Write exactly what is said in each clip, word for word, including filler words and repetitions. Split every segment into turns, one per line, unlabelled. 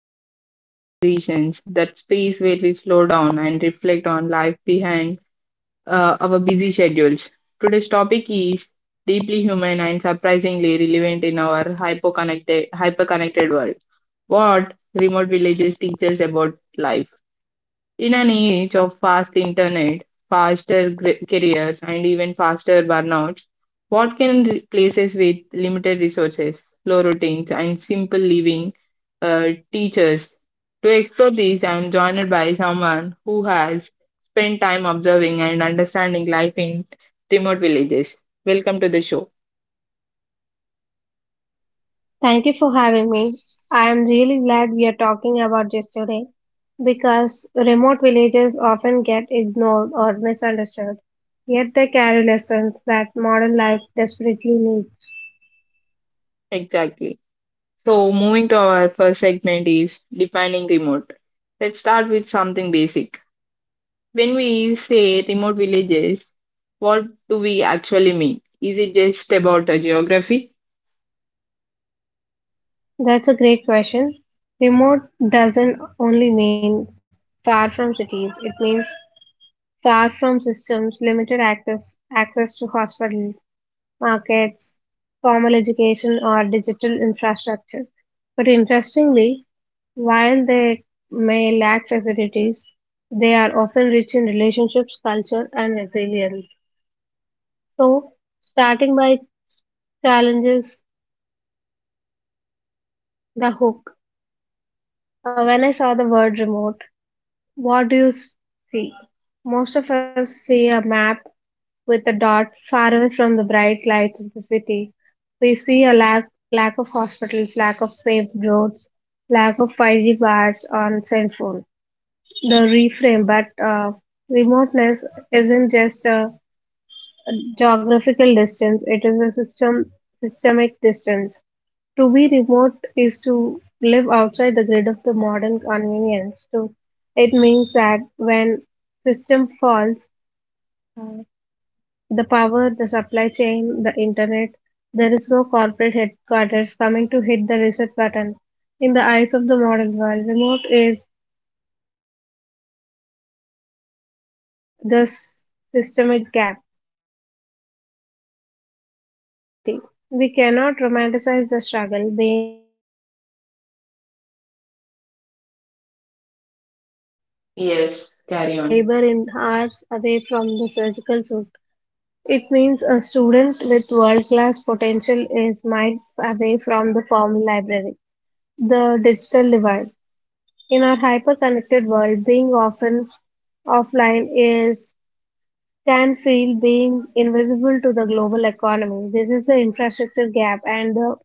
to Quiet Conversations, that space where we slow down and reflect on life behind uh, our busy schedules. Today's topic is deeply human and surprisingly relevant in our hyper-connected, hyper-connected world. What remote villages teach us about life? In an age of fast internet, faster gr- careers, and even faster burnouts, what can re- places with limited resources, low routines, and simple living uh, teach us? To explore these, I am joined by someone who has spent time observing and understanding life in remote villages. Welcome to the show.
Thank you for having me. I am really glad we are talking about this today because remote villages often get ignored or misunderstood, yet they carry lessons that modern life desperately needs.
Exactly. So, moving to our first segment is defining remote. Let's start with something basic. When we say remote villages, what do we actually mean? Is it just about a geography?
That's a great question. Remote doesn't only mean far from cities, it means far from systems, limited access, access to hospitals, markets, formal education, or digital infrastructure. But interestingly, while they may lack facilities, they are often rich in relationships, culture, and resilience. So, starting by challenges, the hook. Uh, When I saw the word remote, what do you s- see? Most of us see a map with a dot far away from the bright lights of the city. We see a lack, lack of hospitals, lack of paved roads, lack of five G bars on cell phone. The reframe, but uh, remoteness isn't just a geographical distance, it is a system systemic distance. To be remote is to live outside the grid of the modern convenience. So it means that when system falls, the power, the supply chain, the internet. There is no corporate headquarters coming to hit the reset button. In the eyes of the modern world, remote is often synonymous with empty. The s- systemic gap, the hard reality. We cannot romanticize the struggle. Being from far from systems means a
Yes,
mother
carry
in
on.
labor in hours away from the surgical suit. It means a student with world-class potential is miles away from the formal library. The digital divide. In our hyper-connected world, being often offline is can feel being invisible to the global economy. This is the infrastructure gap and the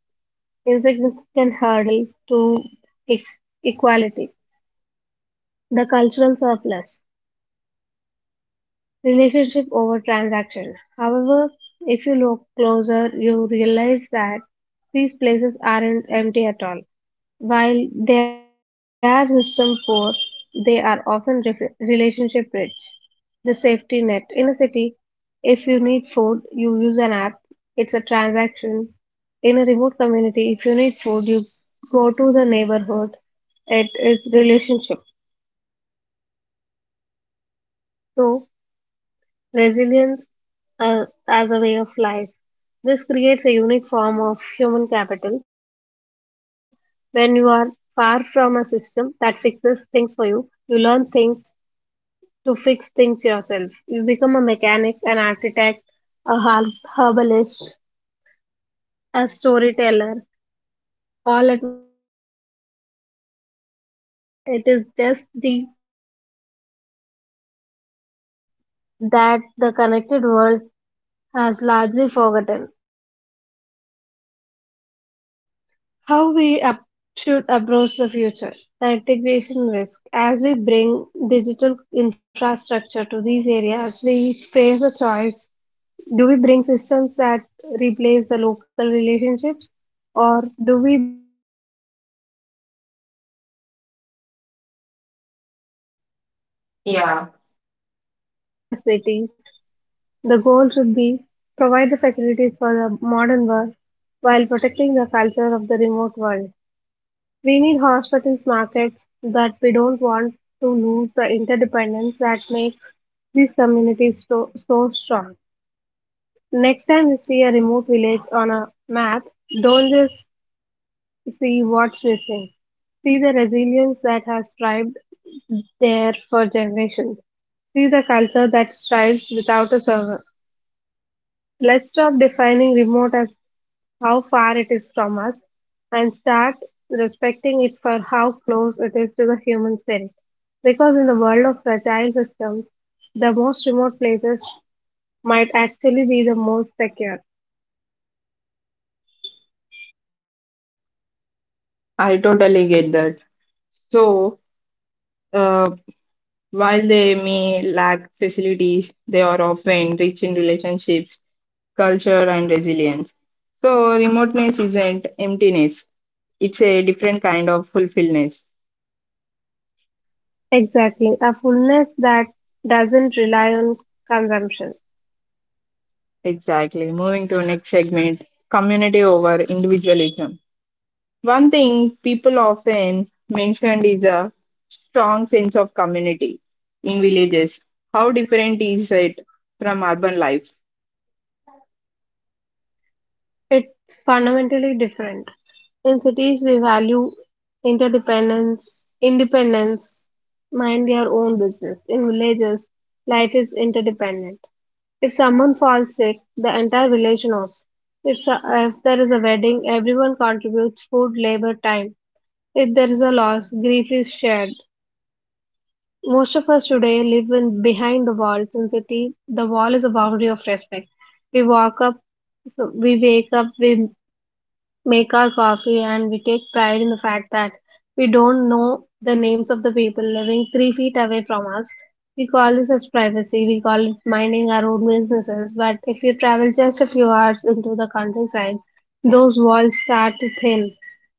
insignificant hurdle to e- equality. The cultural surplus. Relationship over transaction. However, if you look closer, you realize that these places aren't empty at all. While they are system poor, they are often re- relationship rich. The safety net in a city, if you need food, you use an app, it's a transaction. In a remote community, if you need food, you go to the neighborhood, it is relationship. So, resilience uh, as a way of life. This creates a unique form of human capital. When you are far from a system that fixes things for you, you learn things to fix things yourself. You become a mechanic, an architect, a har- herbalist, a storyteller all at once. This isn't just survival, it is just the ancestral rela- resilience that the connected world has largely forgotten. Bridging the gap. How we up should approach the future. The integration risk. As we bring digital infrastructure to these areas, we face a choice. Do we bring systems that replace the local relationships or do we bring tools that amplify them? A new model. The goal shouldn't be like to make
Yeah,
remote plo- places just a city, the goal should be provide the facilities for the modern world while protecting the culture of the remote world. We need hospitals markets that we don't want to lose the interdependence that makes these communities so, so strong. Next time you see a remote village on a map, don't just see what's missing. See the resilience that has thrived there for generations. See the culture that thrives without a server. Let's stop defining remote as how far it is from us and start respecting it for how close it is to the human spirit. Because in the world of fragile systems, the most remote places might actually be the most secure.
I totally get that. So, uh, while they may lack facilities, they are often rich in relationships, culture, and resilience. So, remoteness isn't emptiness, it's a different kind of fulfillment.
Exactly, a fullness that doesn't rely on consumption.
Exactly. Moving to next segment, community over individualism. One thing people often mentioned is a strong sense of community in villages. How different is it from urban life?
It's fundamentally different. In cities, we value interdependence, independence, mind your own business. In villages, life is interdependent. If someone falls sick, the entire village knows. If, so- if there is a wedding, everyone contributes food, labor, time. If there is a loss, grief is shared. Most of us today live in behind the walls in city. The wall is a boundary of respect. We walk up, so we wake up, we make our coffee and we take pride in the fact that we don't know the names of the people living three feet away from us. We call this as privacy, we call it minding our own businesses. But if you travel just a few hours into the countryside, those walls start to thin.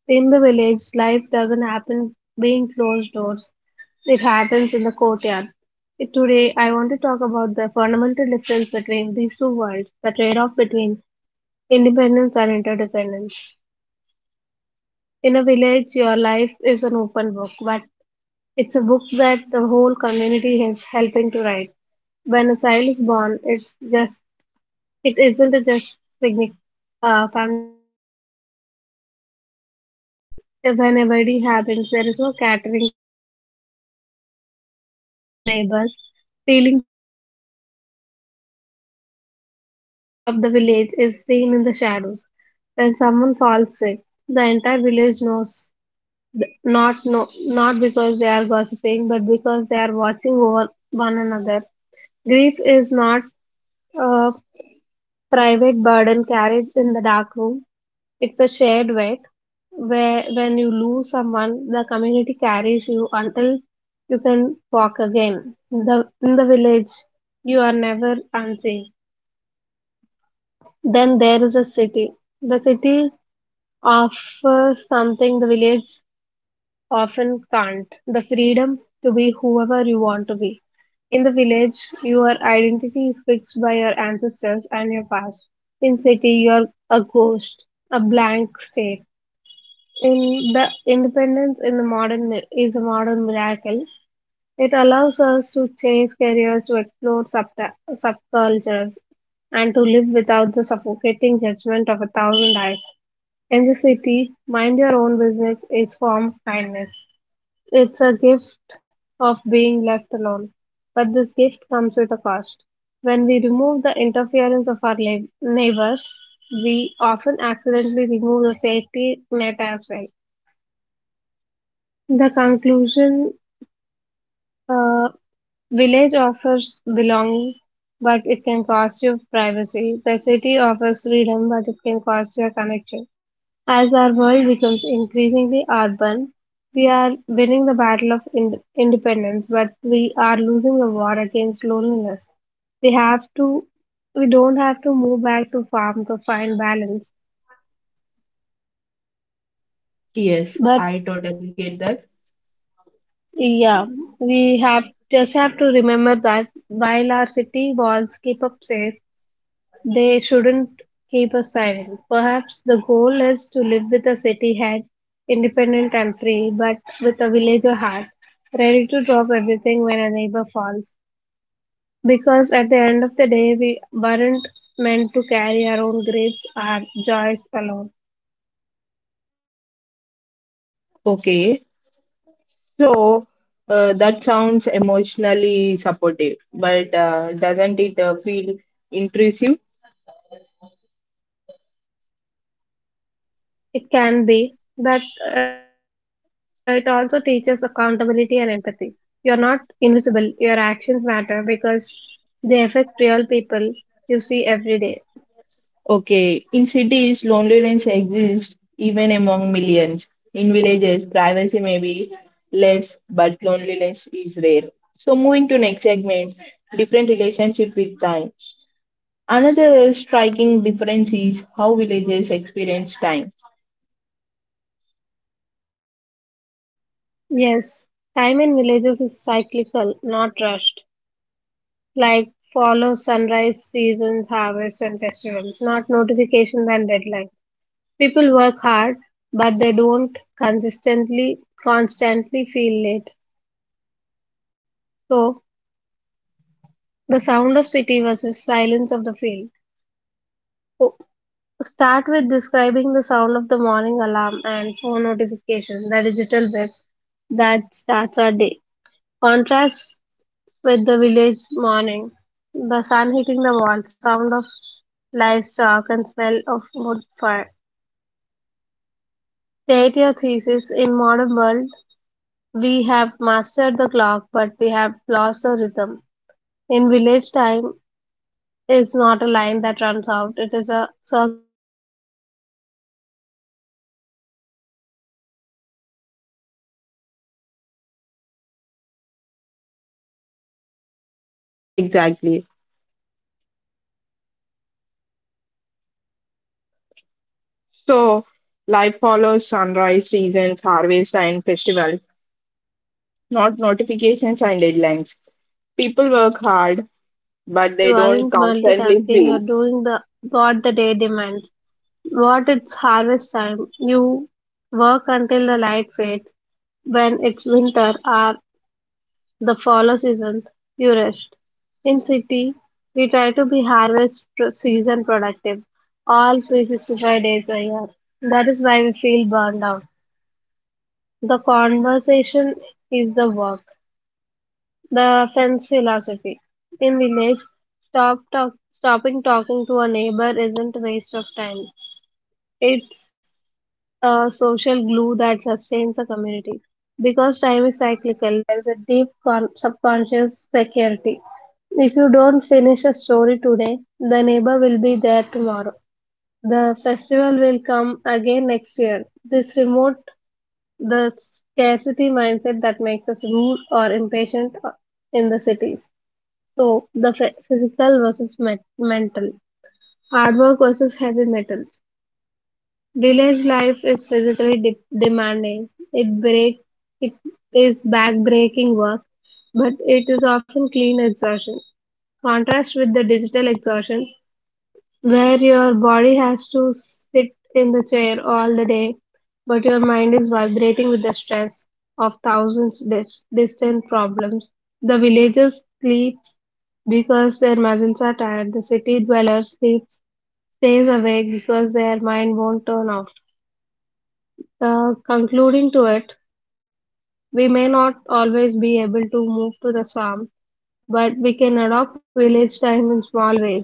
In the village, life doesn't happen behind closed doors, it happens in the courtyard. Today, I want to talk about the fundamental difference between these two worlds, the trade off between independence and interdependence. In a village, your life is an open book, but it's a book that the whole community is helping to write. When a child is born, it's just it isn't a just signi- uh, family event; it's a village event. If an wedding happens, there is no catering company. There is, there are aunts, uncles, and neighbors peeling potatoes and decorating the square. But the true strength of the village is seen in the shadows. When someone falls sick, the entire village knows not no, not because they are gossiping, but because they are watching over one another. Grief is not a private burden carried in the dark room. It's a shared weight where when you lose someone, the community carries you until you can walk again. In the in the village, you are never unseen. Then there is a city. The city offers something the village often can't. The freedom to be whoever you want to be. In the village, your identity is fixed by your ancestors and your past. In city, you're a ghost, a blank state. In the independence in the modern mi- is a modern miracle. It allows us to change careers, to explore subta- subcultures, and to live without the suffocating judgment of a thousand eyes. In the city, mind your own business is form of kindness. It's a gift of being left alone. But this gift comes with a cost. When we remove the interference of our lab- neighbors, we often accidentally remove the safety net as well. The conclusion, uh, village offers belonging, but it can cost you privacy. The city offers freedom, but it can cost you a connection. As our world becomes increasingly urban, we are winning the battle of ind- independence, but we are losing the war against loneliness. We have to, we don't have to move back to farm to find balance,
Yes,
but
I totally get that.
yeah, we have just have to remember that while our city walls keep us safe, they shouldn't keep us silent. Perhaps the goal is to live with a city head, independent and free, but with a villager heart, ready to drop everything when a neighbor falls. Because at the end of the day, we weren't meant to carry our own griefs, our joys alone.
Okay, so uh, that sounds emotionally supportive, but uh, doesn't it uh, feel intrusive?
It can be, but uh, it also teaches accountability and empathy. You are not invisible, your actions matter because they affect real people you see every day.
Okay, in cities, loneliness exists even among millions. In villages, privacy may be less, but loneliness is rare. So, moving to next segment, different relationship with time. Another striking difference is how villages experience time.
Yes, time in villages is cyclical, not rushed. Like follow sunrise, seasons, harvests, and festivals, not notifications and deadlines. People work hard, but they don't consistently, constantly feel late. So, the sound of city versus silence of the field. So, start with describing the sound of the morning alarm and phone notification, the digital web that starts our day. Contrast with the village morning. The sun hitting the wall, sound of livestock, and smell of wood fire. State your thesis in modern world, we have mastered the clock, but we have lost the rhythm. In village time, is not a line that runs out; it is a circle that returns. So, the nature nature of cyclical time. Villagers feel on time
Exactly.
even without watches. If you are planning to pla- planting seeds, you are working with the
So,
earth's schedule.
life
You
follows
cannot rush
sunrise,
a
seasons,
tomato to
harvest, and
ripen
festivals,
or a monsoon to arrive.
not notifications
When
and
you work
deadlines.
tired to the
People work
sea,
hard,
tied to the
but
seasons,
they
you
don't
aren't
constantly
multitasking. You're
feel.
doing the what the day demands. What it's harvest time. You work until the light fades. When it's winter, or the follow season, you rest. In city, we try to be harvest pro- season productive all three sixty-five days a year. That is why we feel burned out. The conversation is the work, the fence philosophy. In village, stop talk, stopping talking to a neighbor isn't waste of time. It's a social glue that sustains a community. Because time is cyclical, there is a deep con- subconscious security. If you don't finish a story today, the neighbor will be there tomorrow. The festival will come again next year. This remote the scarcity mindset that makes us rude or impatient in the cities. So the phy- physical versus met- mental, hard work versus heavy metal. Village life is physically de- demanding; it break it is back-breaking work, but it is often clean exhaustion. Contrast with the digital exhaustion, where your body has to sit in the chair all the day, but your mind is vibrating with the stress of thousands dis- distant problems. The villagers sleep because their muscles are tired. The city dweller sleeps, stays awake because their mind won't turn off. Uh, concluding to it, we may not always be able to move to the swamp, but we can adopt village time in small ways.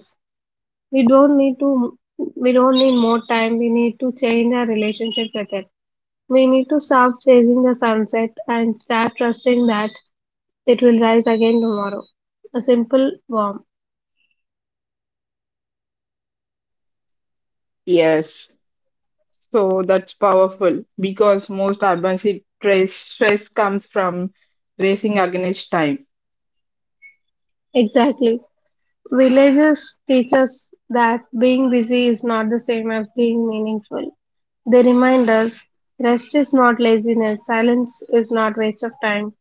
We don't need to, we don't need more time. We need to change our relationship with it. We need to stop chasing the sunset and start trusting that it will rise again tomorrow. A simple warm.
Yes. So that's powerful because most urban stress, stress comes from racing against time.
Exactly. Villages teach us that being busy is not the same as being meaningful. They remind us rest is not laziness, silence is not waste of time,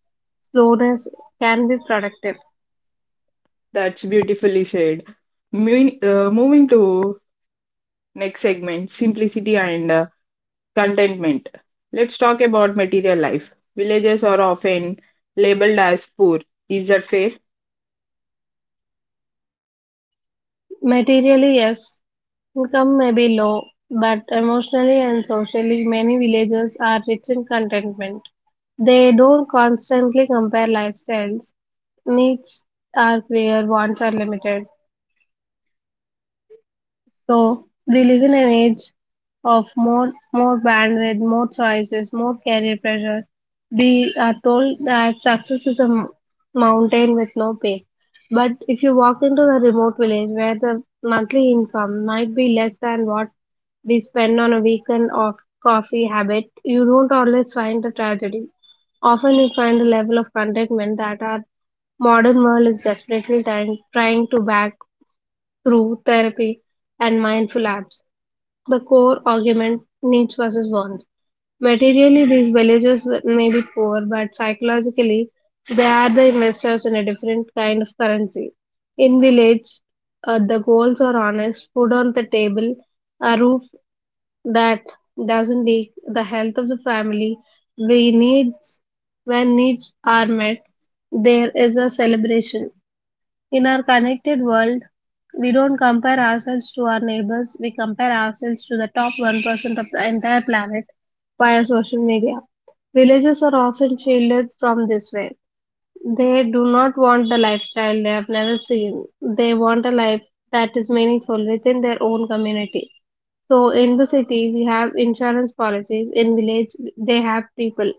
slowness can be productive.
That's beautifully said. Moving, uh, moving to next segment, simplicity and uh, contentment. Let's talk about material life. Villages are often labeled as poor. Is that fair?
Materially, yes, income may be low, but emotionally and socially, many villagers are rich in contentment. They don't constantly compare lifestyles, needs are clear, wants are limited. So we live in an age of more more bandwidth, more choices, more career pressure. We are told that success is a m- mountain with no pay. But if you walk into a remote village where the monthly income might be less than what we spend on a weekend of coffee habit, you don't always find the tragedy. Often you find a level of contentment that our modern world is desperately trying, trying to back through therapy and mindful apps. The core argument needs versus wants. Materially, these villagers may be poor, but psychologically, they are the investors in a different kind of currency. In village, uh, the goals are honest, food on the table, a roof that doesn't leak, the health of the family. We needs when needs are met, there is a celebration. In our connected world, we don't compare ourselves to our neighbors, we compare ourselves to the top one percent of the entire planet via social media. Villages are often shielded from this way. They do not want the lifestyle they have never seen. They want a life that is meaningful within their own community. So, in the city, we have insurance policies. In village, they have people.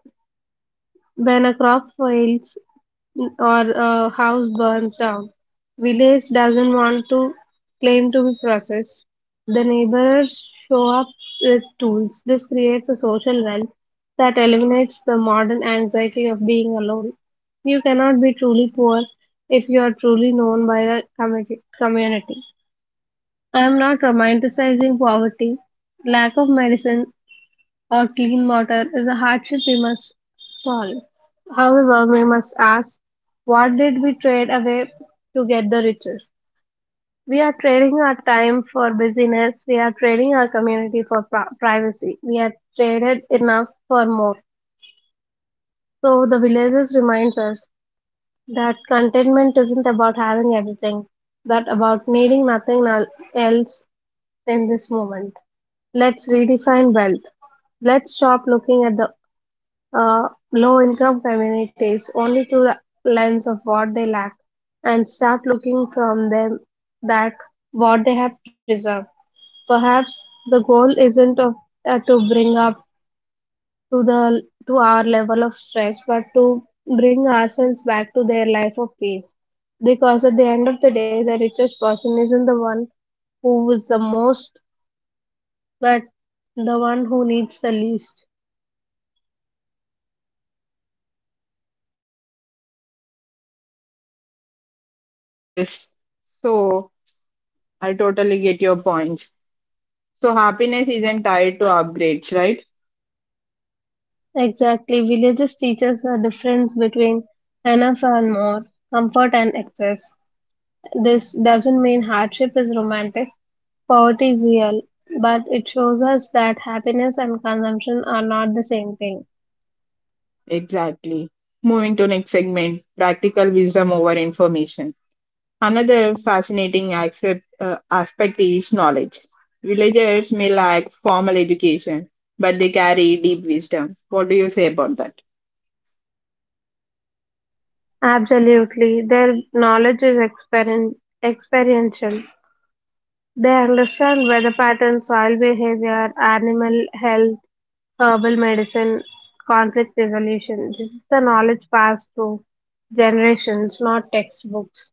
When a crop fails, or a house burns down. Village doesn't want to claim to be processed. The neighbors show up with tools. This creates a social wealth that eliminates the modern anxiety of being alone. You cannot be truly poor if you are truly known by the commu- community. I am not romanticizing poverty. Lack of medicine or clean water is a hardship we must solve. However, we must ask what did we trade away to get the riches? We are trading our time for busyness, we are trading our community for pri- privacy, we are traded enough for more. So, the villages reminds us that contentment isn't about having everything, but about needing nothing el- else in this moment. Let's redefine wealth. Let's stop looking at the uh, low-income communities only through the lens of what they lack and start looking from them that what they have preserved. Perhaps the goal isn't of, uh, to bring up to the to our level of stress, but to bring ourselves back to their life of peace. Because at the end of the day, the richest person isn't the one who is the most, but the one who needs the least.
Yes. So I totally get your points. So happiness isn't tied to upgrades, right?
Exactly. Villages teach us the difference between enough and more, comfort and excess. This doesn't mean hardship is romantic. Poverty is real, but it shows us that happiness and consumption are not the same thing.
Exactly. Moving to next segment, practical wisdom over information. Another fascinating accept, uh, aspect is knowledge. Villagers may lack formal education, but they carry deep wisdom. What do you say about that?
Absolutely. Their knowledge is experien- experiential. They understand weather patterns, soil behavior, animal health, herbal medicine, conflict resolution. This is the knowledge passed through generations, not textbooks.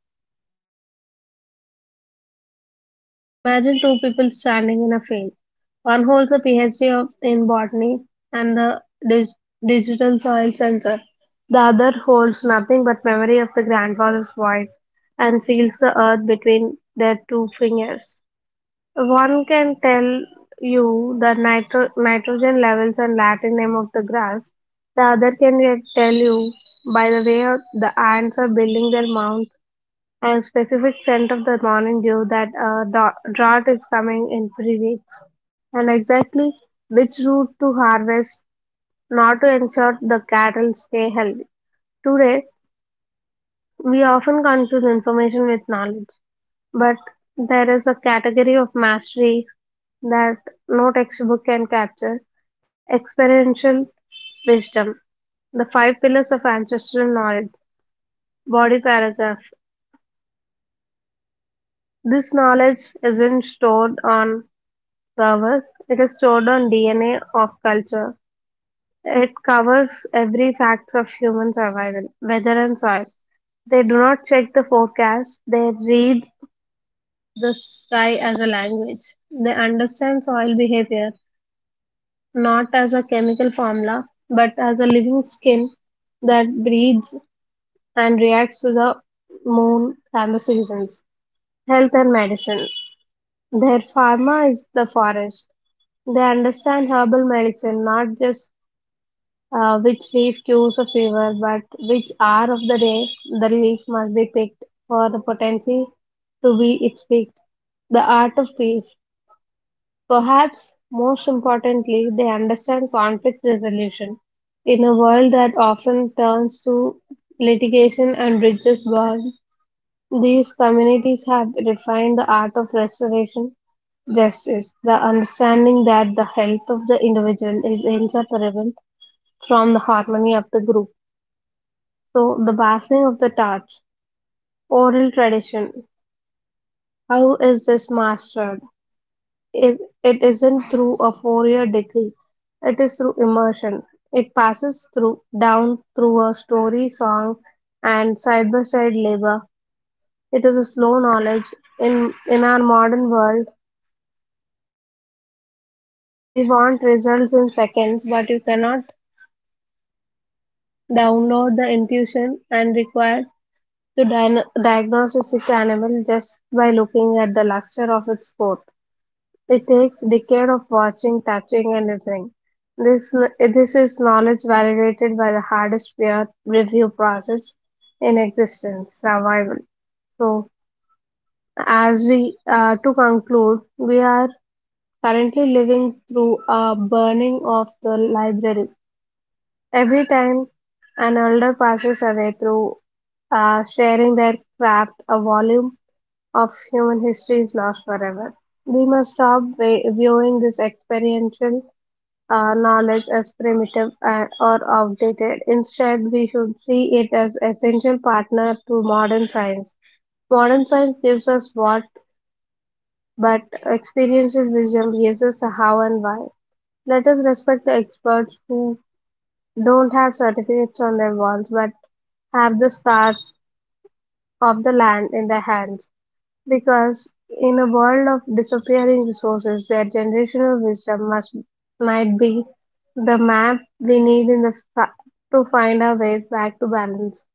So, imagine two people standing in a field. One holds a PhD of, in botany and the dig- digital soil sensor. The other holds nothing but memory of the grandfather's voice and feels the earth between their two fingers. One can tell you the nitro- nitrogen levels and Latin name of the grass. The other can get- tell you by the way the ants are building their mounds and specific scent of the morning dew that a dra- drought is coming in three weeks and exactly which root to harvest not to ensure the cattle stay healthy. Today, we often confuse information with knowledge. But there is a category of mastery that no textbook can capture experiential wisdom, the five pillars of ancestral knowledge, body paragraph. This knowledge isn't stored on servers, it is stored on D N A of culture. It covers every fact of human survival, weather and soil. They do not check the forecast, they read the sky as a language. They understand soil behavior not as a chemical formula, but as a living skin that breathes and reacts to the moon and the seasons. Health and medicine. Their pharma is the forest. They understand herbal medicine, not just uh, which leaf cures a fever, but which hour of the day the leaf must be picked for the potency to be its peak. The art of peace. Perhaps most importantly, they understand conflict resolution in a world that often turns to litigation and bridges burn. These communities have refined the art of restoration justice, the understanding that the health of the individual is inseparable from the harmony of the group. So, the passing of the torch, oral tradition, how is this mastered? Is it isn't through a four-year degree. It is through immersion. It passes through down through a story, song, and side-by-side labor. It is a slow knowledge. In in our modern world, we want results in seconds, but you cannot download the intuition and required to dia- diagnose a sick animal just by looking at the luster of its coat. It takes decades of watching, touching, and listening. This this is knowledge validated by the hardest peer review process in existence, survival. So, as we uh, to conclude, we are currently living through a burning of the library. Every time an elder passes away through uh, sharing their craft, a volume of human history is lost forever. We must stop vi- viewing this experiential uh, knowledge as primitive uh, or outdated. Instead, we should see it as essential partner to modern science. Modern science gives us what, but experiential wisdom gives us a how and why. Let us respect the experts who don't have certificates on their walls but have the stars of the land in their hands. Because in a world of disappearing resources, their generational wisdom must might be the map we need in the fa- to find our ways back to balance.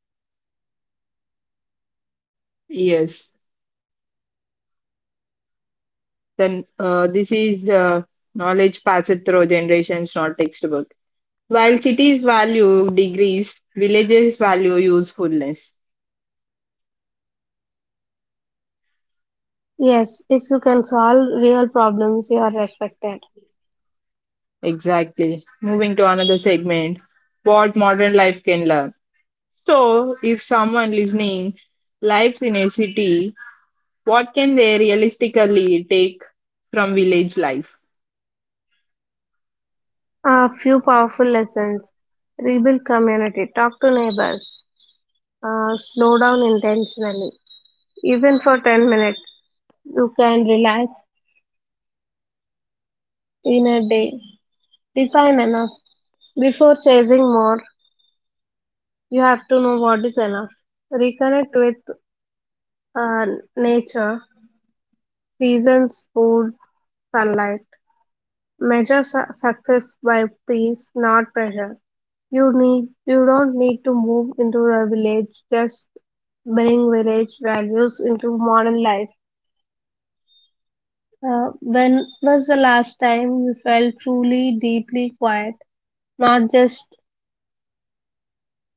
Yes, then uh, this is uh, knowledge passed through generations, not textbook. While cities value degrees, villages value usefulness.
Yes, if you can solve real problems, you are respected.
Exactly. Moving to another segment, what modern life can learn. So, if someone listening lives in a city, what can they realistically take from village life?
A few powerful lessons: rebuild community, talk to neighbors, uh, slow down intentionally, even for ten minutes. You can relax in a day. Define enough before chasing more. You have to know what is enough. Reconnect with uh, nature, seasons, food, sunlight. Measure su- success by peace, not pressure. You need you don't need to move into a village. Just bring village values into modern life. Uh, when was the last time you felt truly deeply quiet? Not just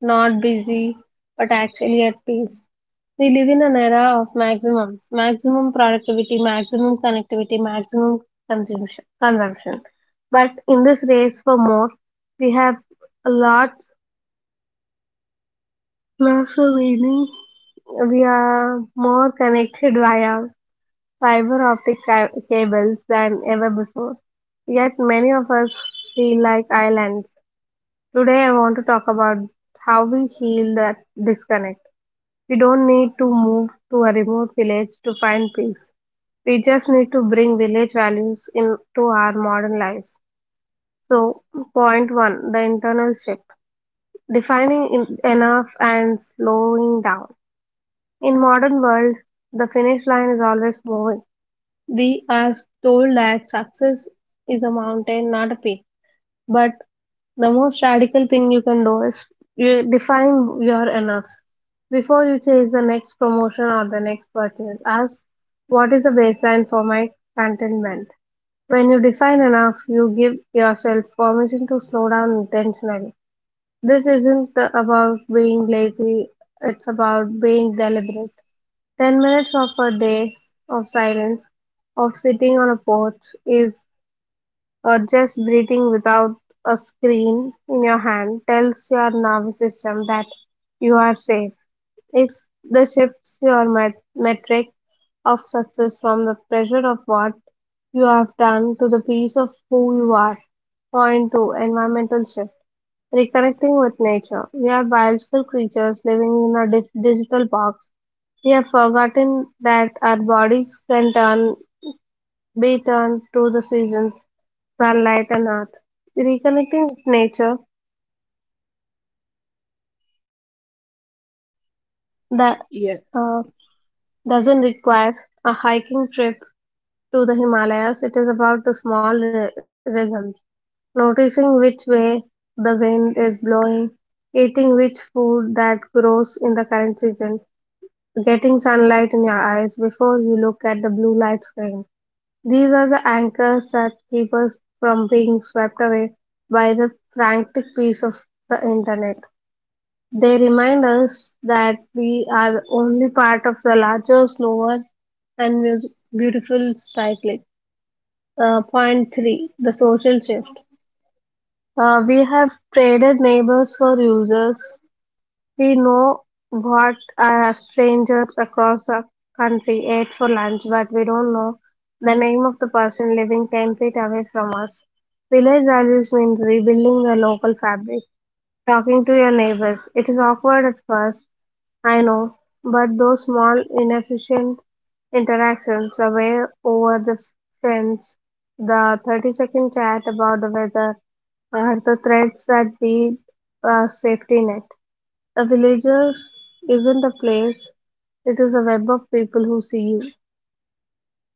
not busy, but actually at peace. We live in an era of maximums, maximum productivity, maximum connectivity, maximum consumption. consumption. But in this race for more, we have lots, lots of meaning. We are more connected via fiber optic ca- cables than ever before. Yet many of us feel like islands. Today I want to talk about how we heal that disconnect. We don't need to move to a remote village to find peace. We just need to bring village values into our modern lives. So, point one, the internal shift. Defining in- enough and slowing down. In modern world, the finish line is always moving. We are told that success is a mountain, not a peak. But the most radical thing you can do is you define your enough before you chase the next promotion or the next purchase. Ask what is the baseline for my contentment. When you define enough, you give yourself permission to slow down intentionally. This isn't the, about being lazy, it's about being deliberate. ten minutes of a day of silence, of sitting on a porch, is or just breathing without a screen in your hand tells your nervous system that you are safe. It's the shifts your met- metric of success from the pressure of what you have done to the piece of who you are. Point two, environmental shift. Reconnecting with nature. We are biological creatures living in a di- digital box. We have forgotten that our bodies can turn be turned to the seasons, sunlight, and earth. Reconnecting with nature that uh,
Yeah,
doesn't require a hiking trip to the Himalayas. It is about the small ri- rhythms, noticing which way the wind is blowing, eating which food that grows in the current season, getting sunlight in your eyes before you look at the blue light screen. These are the anchors that keep us from being swept away by the frantic pace of the internet. They remind us that we are the only part of the larger, slower, and mus- beautiful cycle. Uh, point three, the social shift. Uh, we have traded neighbors for users, we know what a stranger across the country ate for lunch, but we don't know the name of the person living ten feet away from us. Village values means rebuilding the local fabric, talking to your neighbors. It is awkward at first, I know, but those small, inefficient interactions, the way over the fence, the thirty second chat about the weather, are the threads that be a safety net. A villager isn't a place, it is a web of people who see you.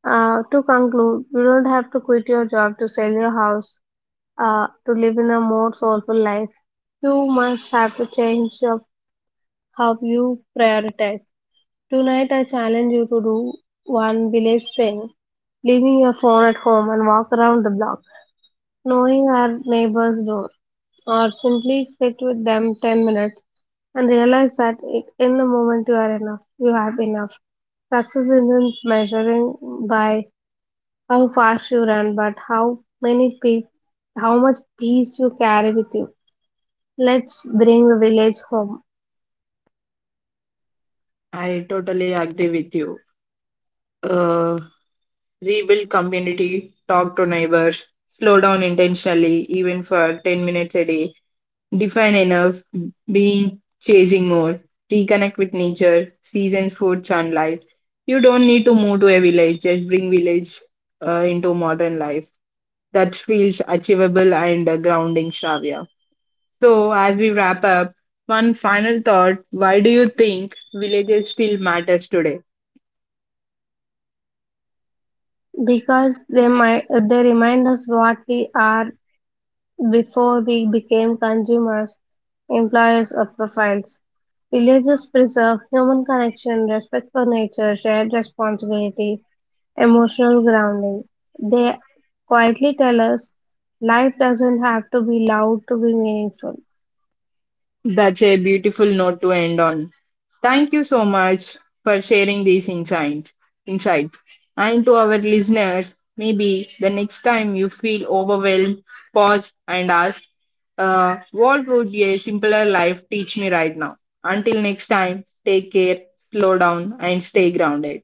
Uh, to conclude, you don't have to quit your job to sell your house uh, to live in a more soulful life. You must have to change your, how you prioritize. Tonight, I challenge you to do one village thing leaving your phone at home and walk around the block. Knowing our neighbor's door, or simply sit with them ten minutes and realize that i- in the moment you are enough, you have enough. Success isn't measuring by how fast you run, but how many pe- how much peace you carry with you. Let's bring the village home
I totally agree with you. Uh, Rebuild community, talk to neighbors, slow down intentionally, even for ten minutes a day, define enough, being chasing more, reconnect with nature, seasons, food, sunlight. You don't need to move to a village, just bring village uh, into modern life. That feels achievable and uh, grounding, Shravya. So, as we wrap up, one final thought, why do you think villages still matters today?
because they might they remind us what we are. Before we became consumers, employers, or profiles, villages preserve human connection, respect for nature, shared responsibility, emotional grounding. They quietly tell us life doesn't have to be loud to be meaningful.
That's a beautiful note to end on. Thank you so much for sharing these insights. Insight. And to our listeners, maybe the next time you feel overwhelmed, pause and ask, uh, what would a simpler life teach me right now? Until next time, take care, slow down, and stay grounded.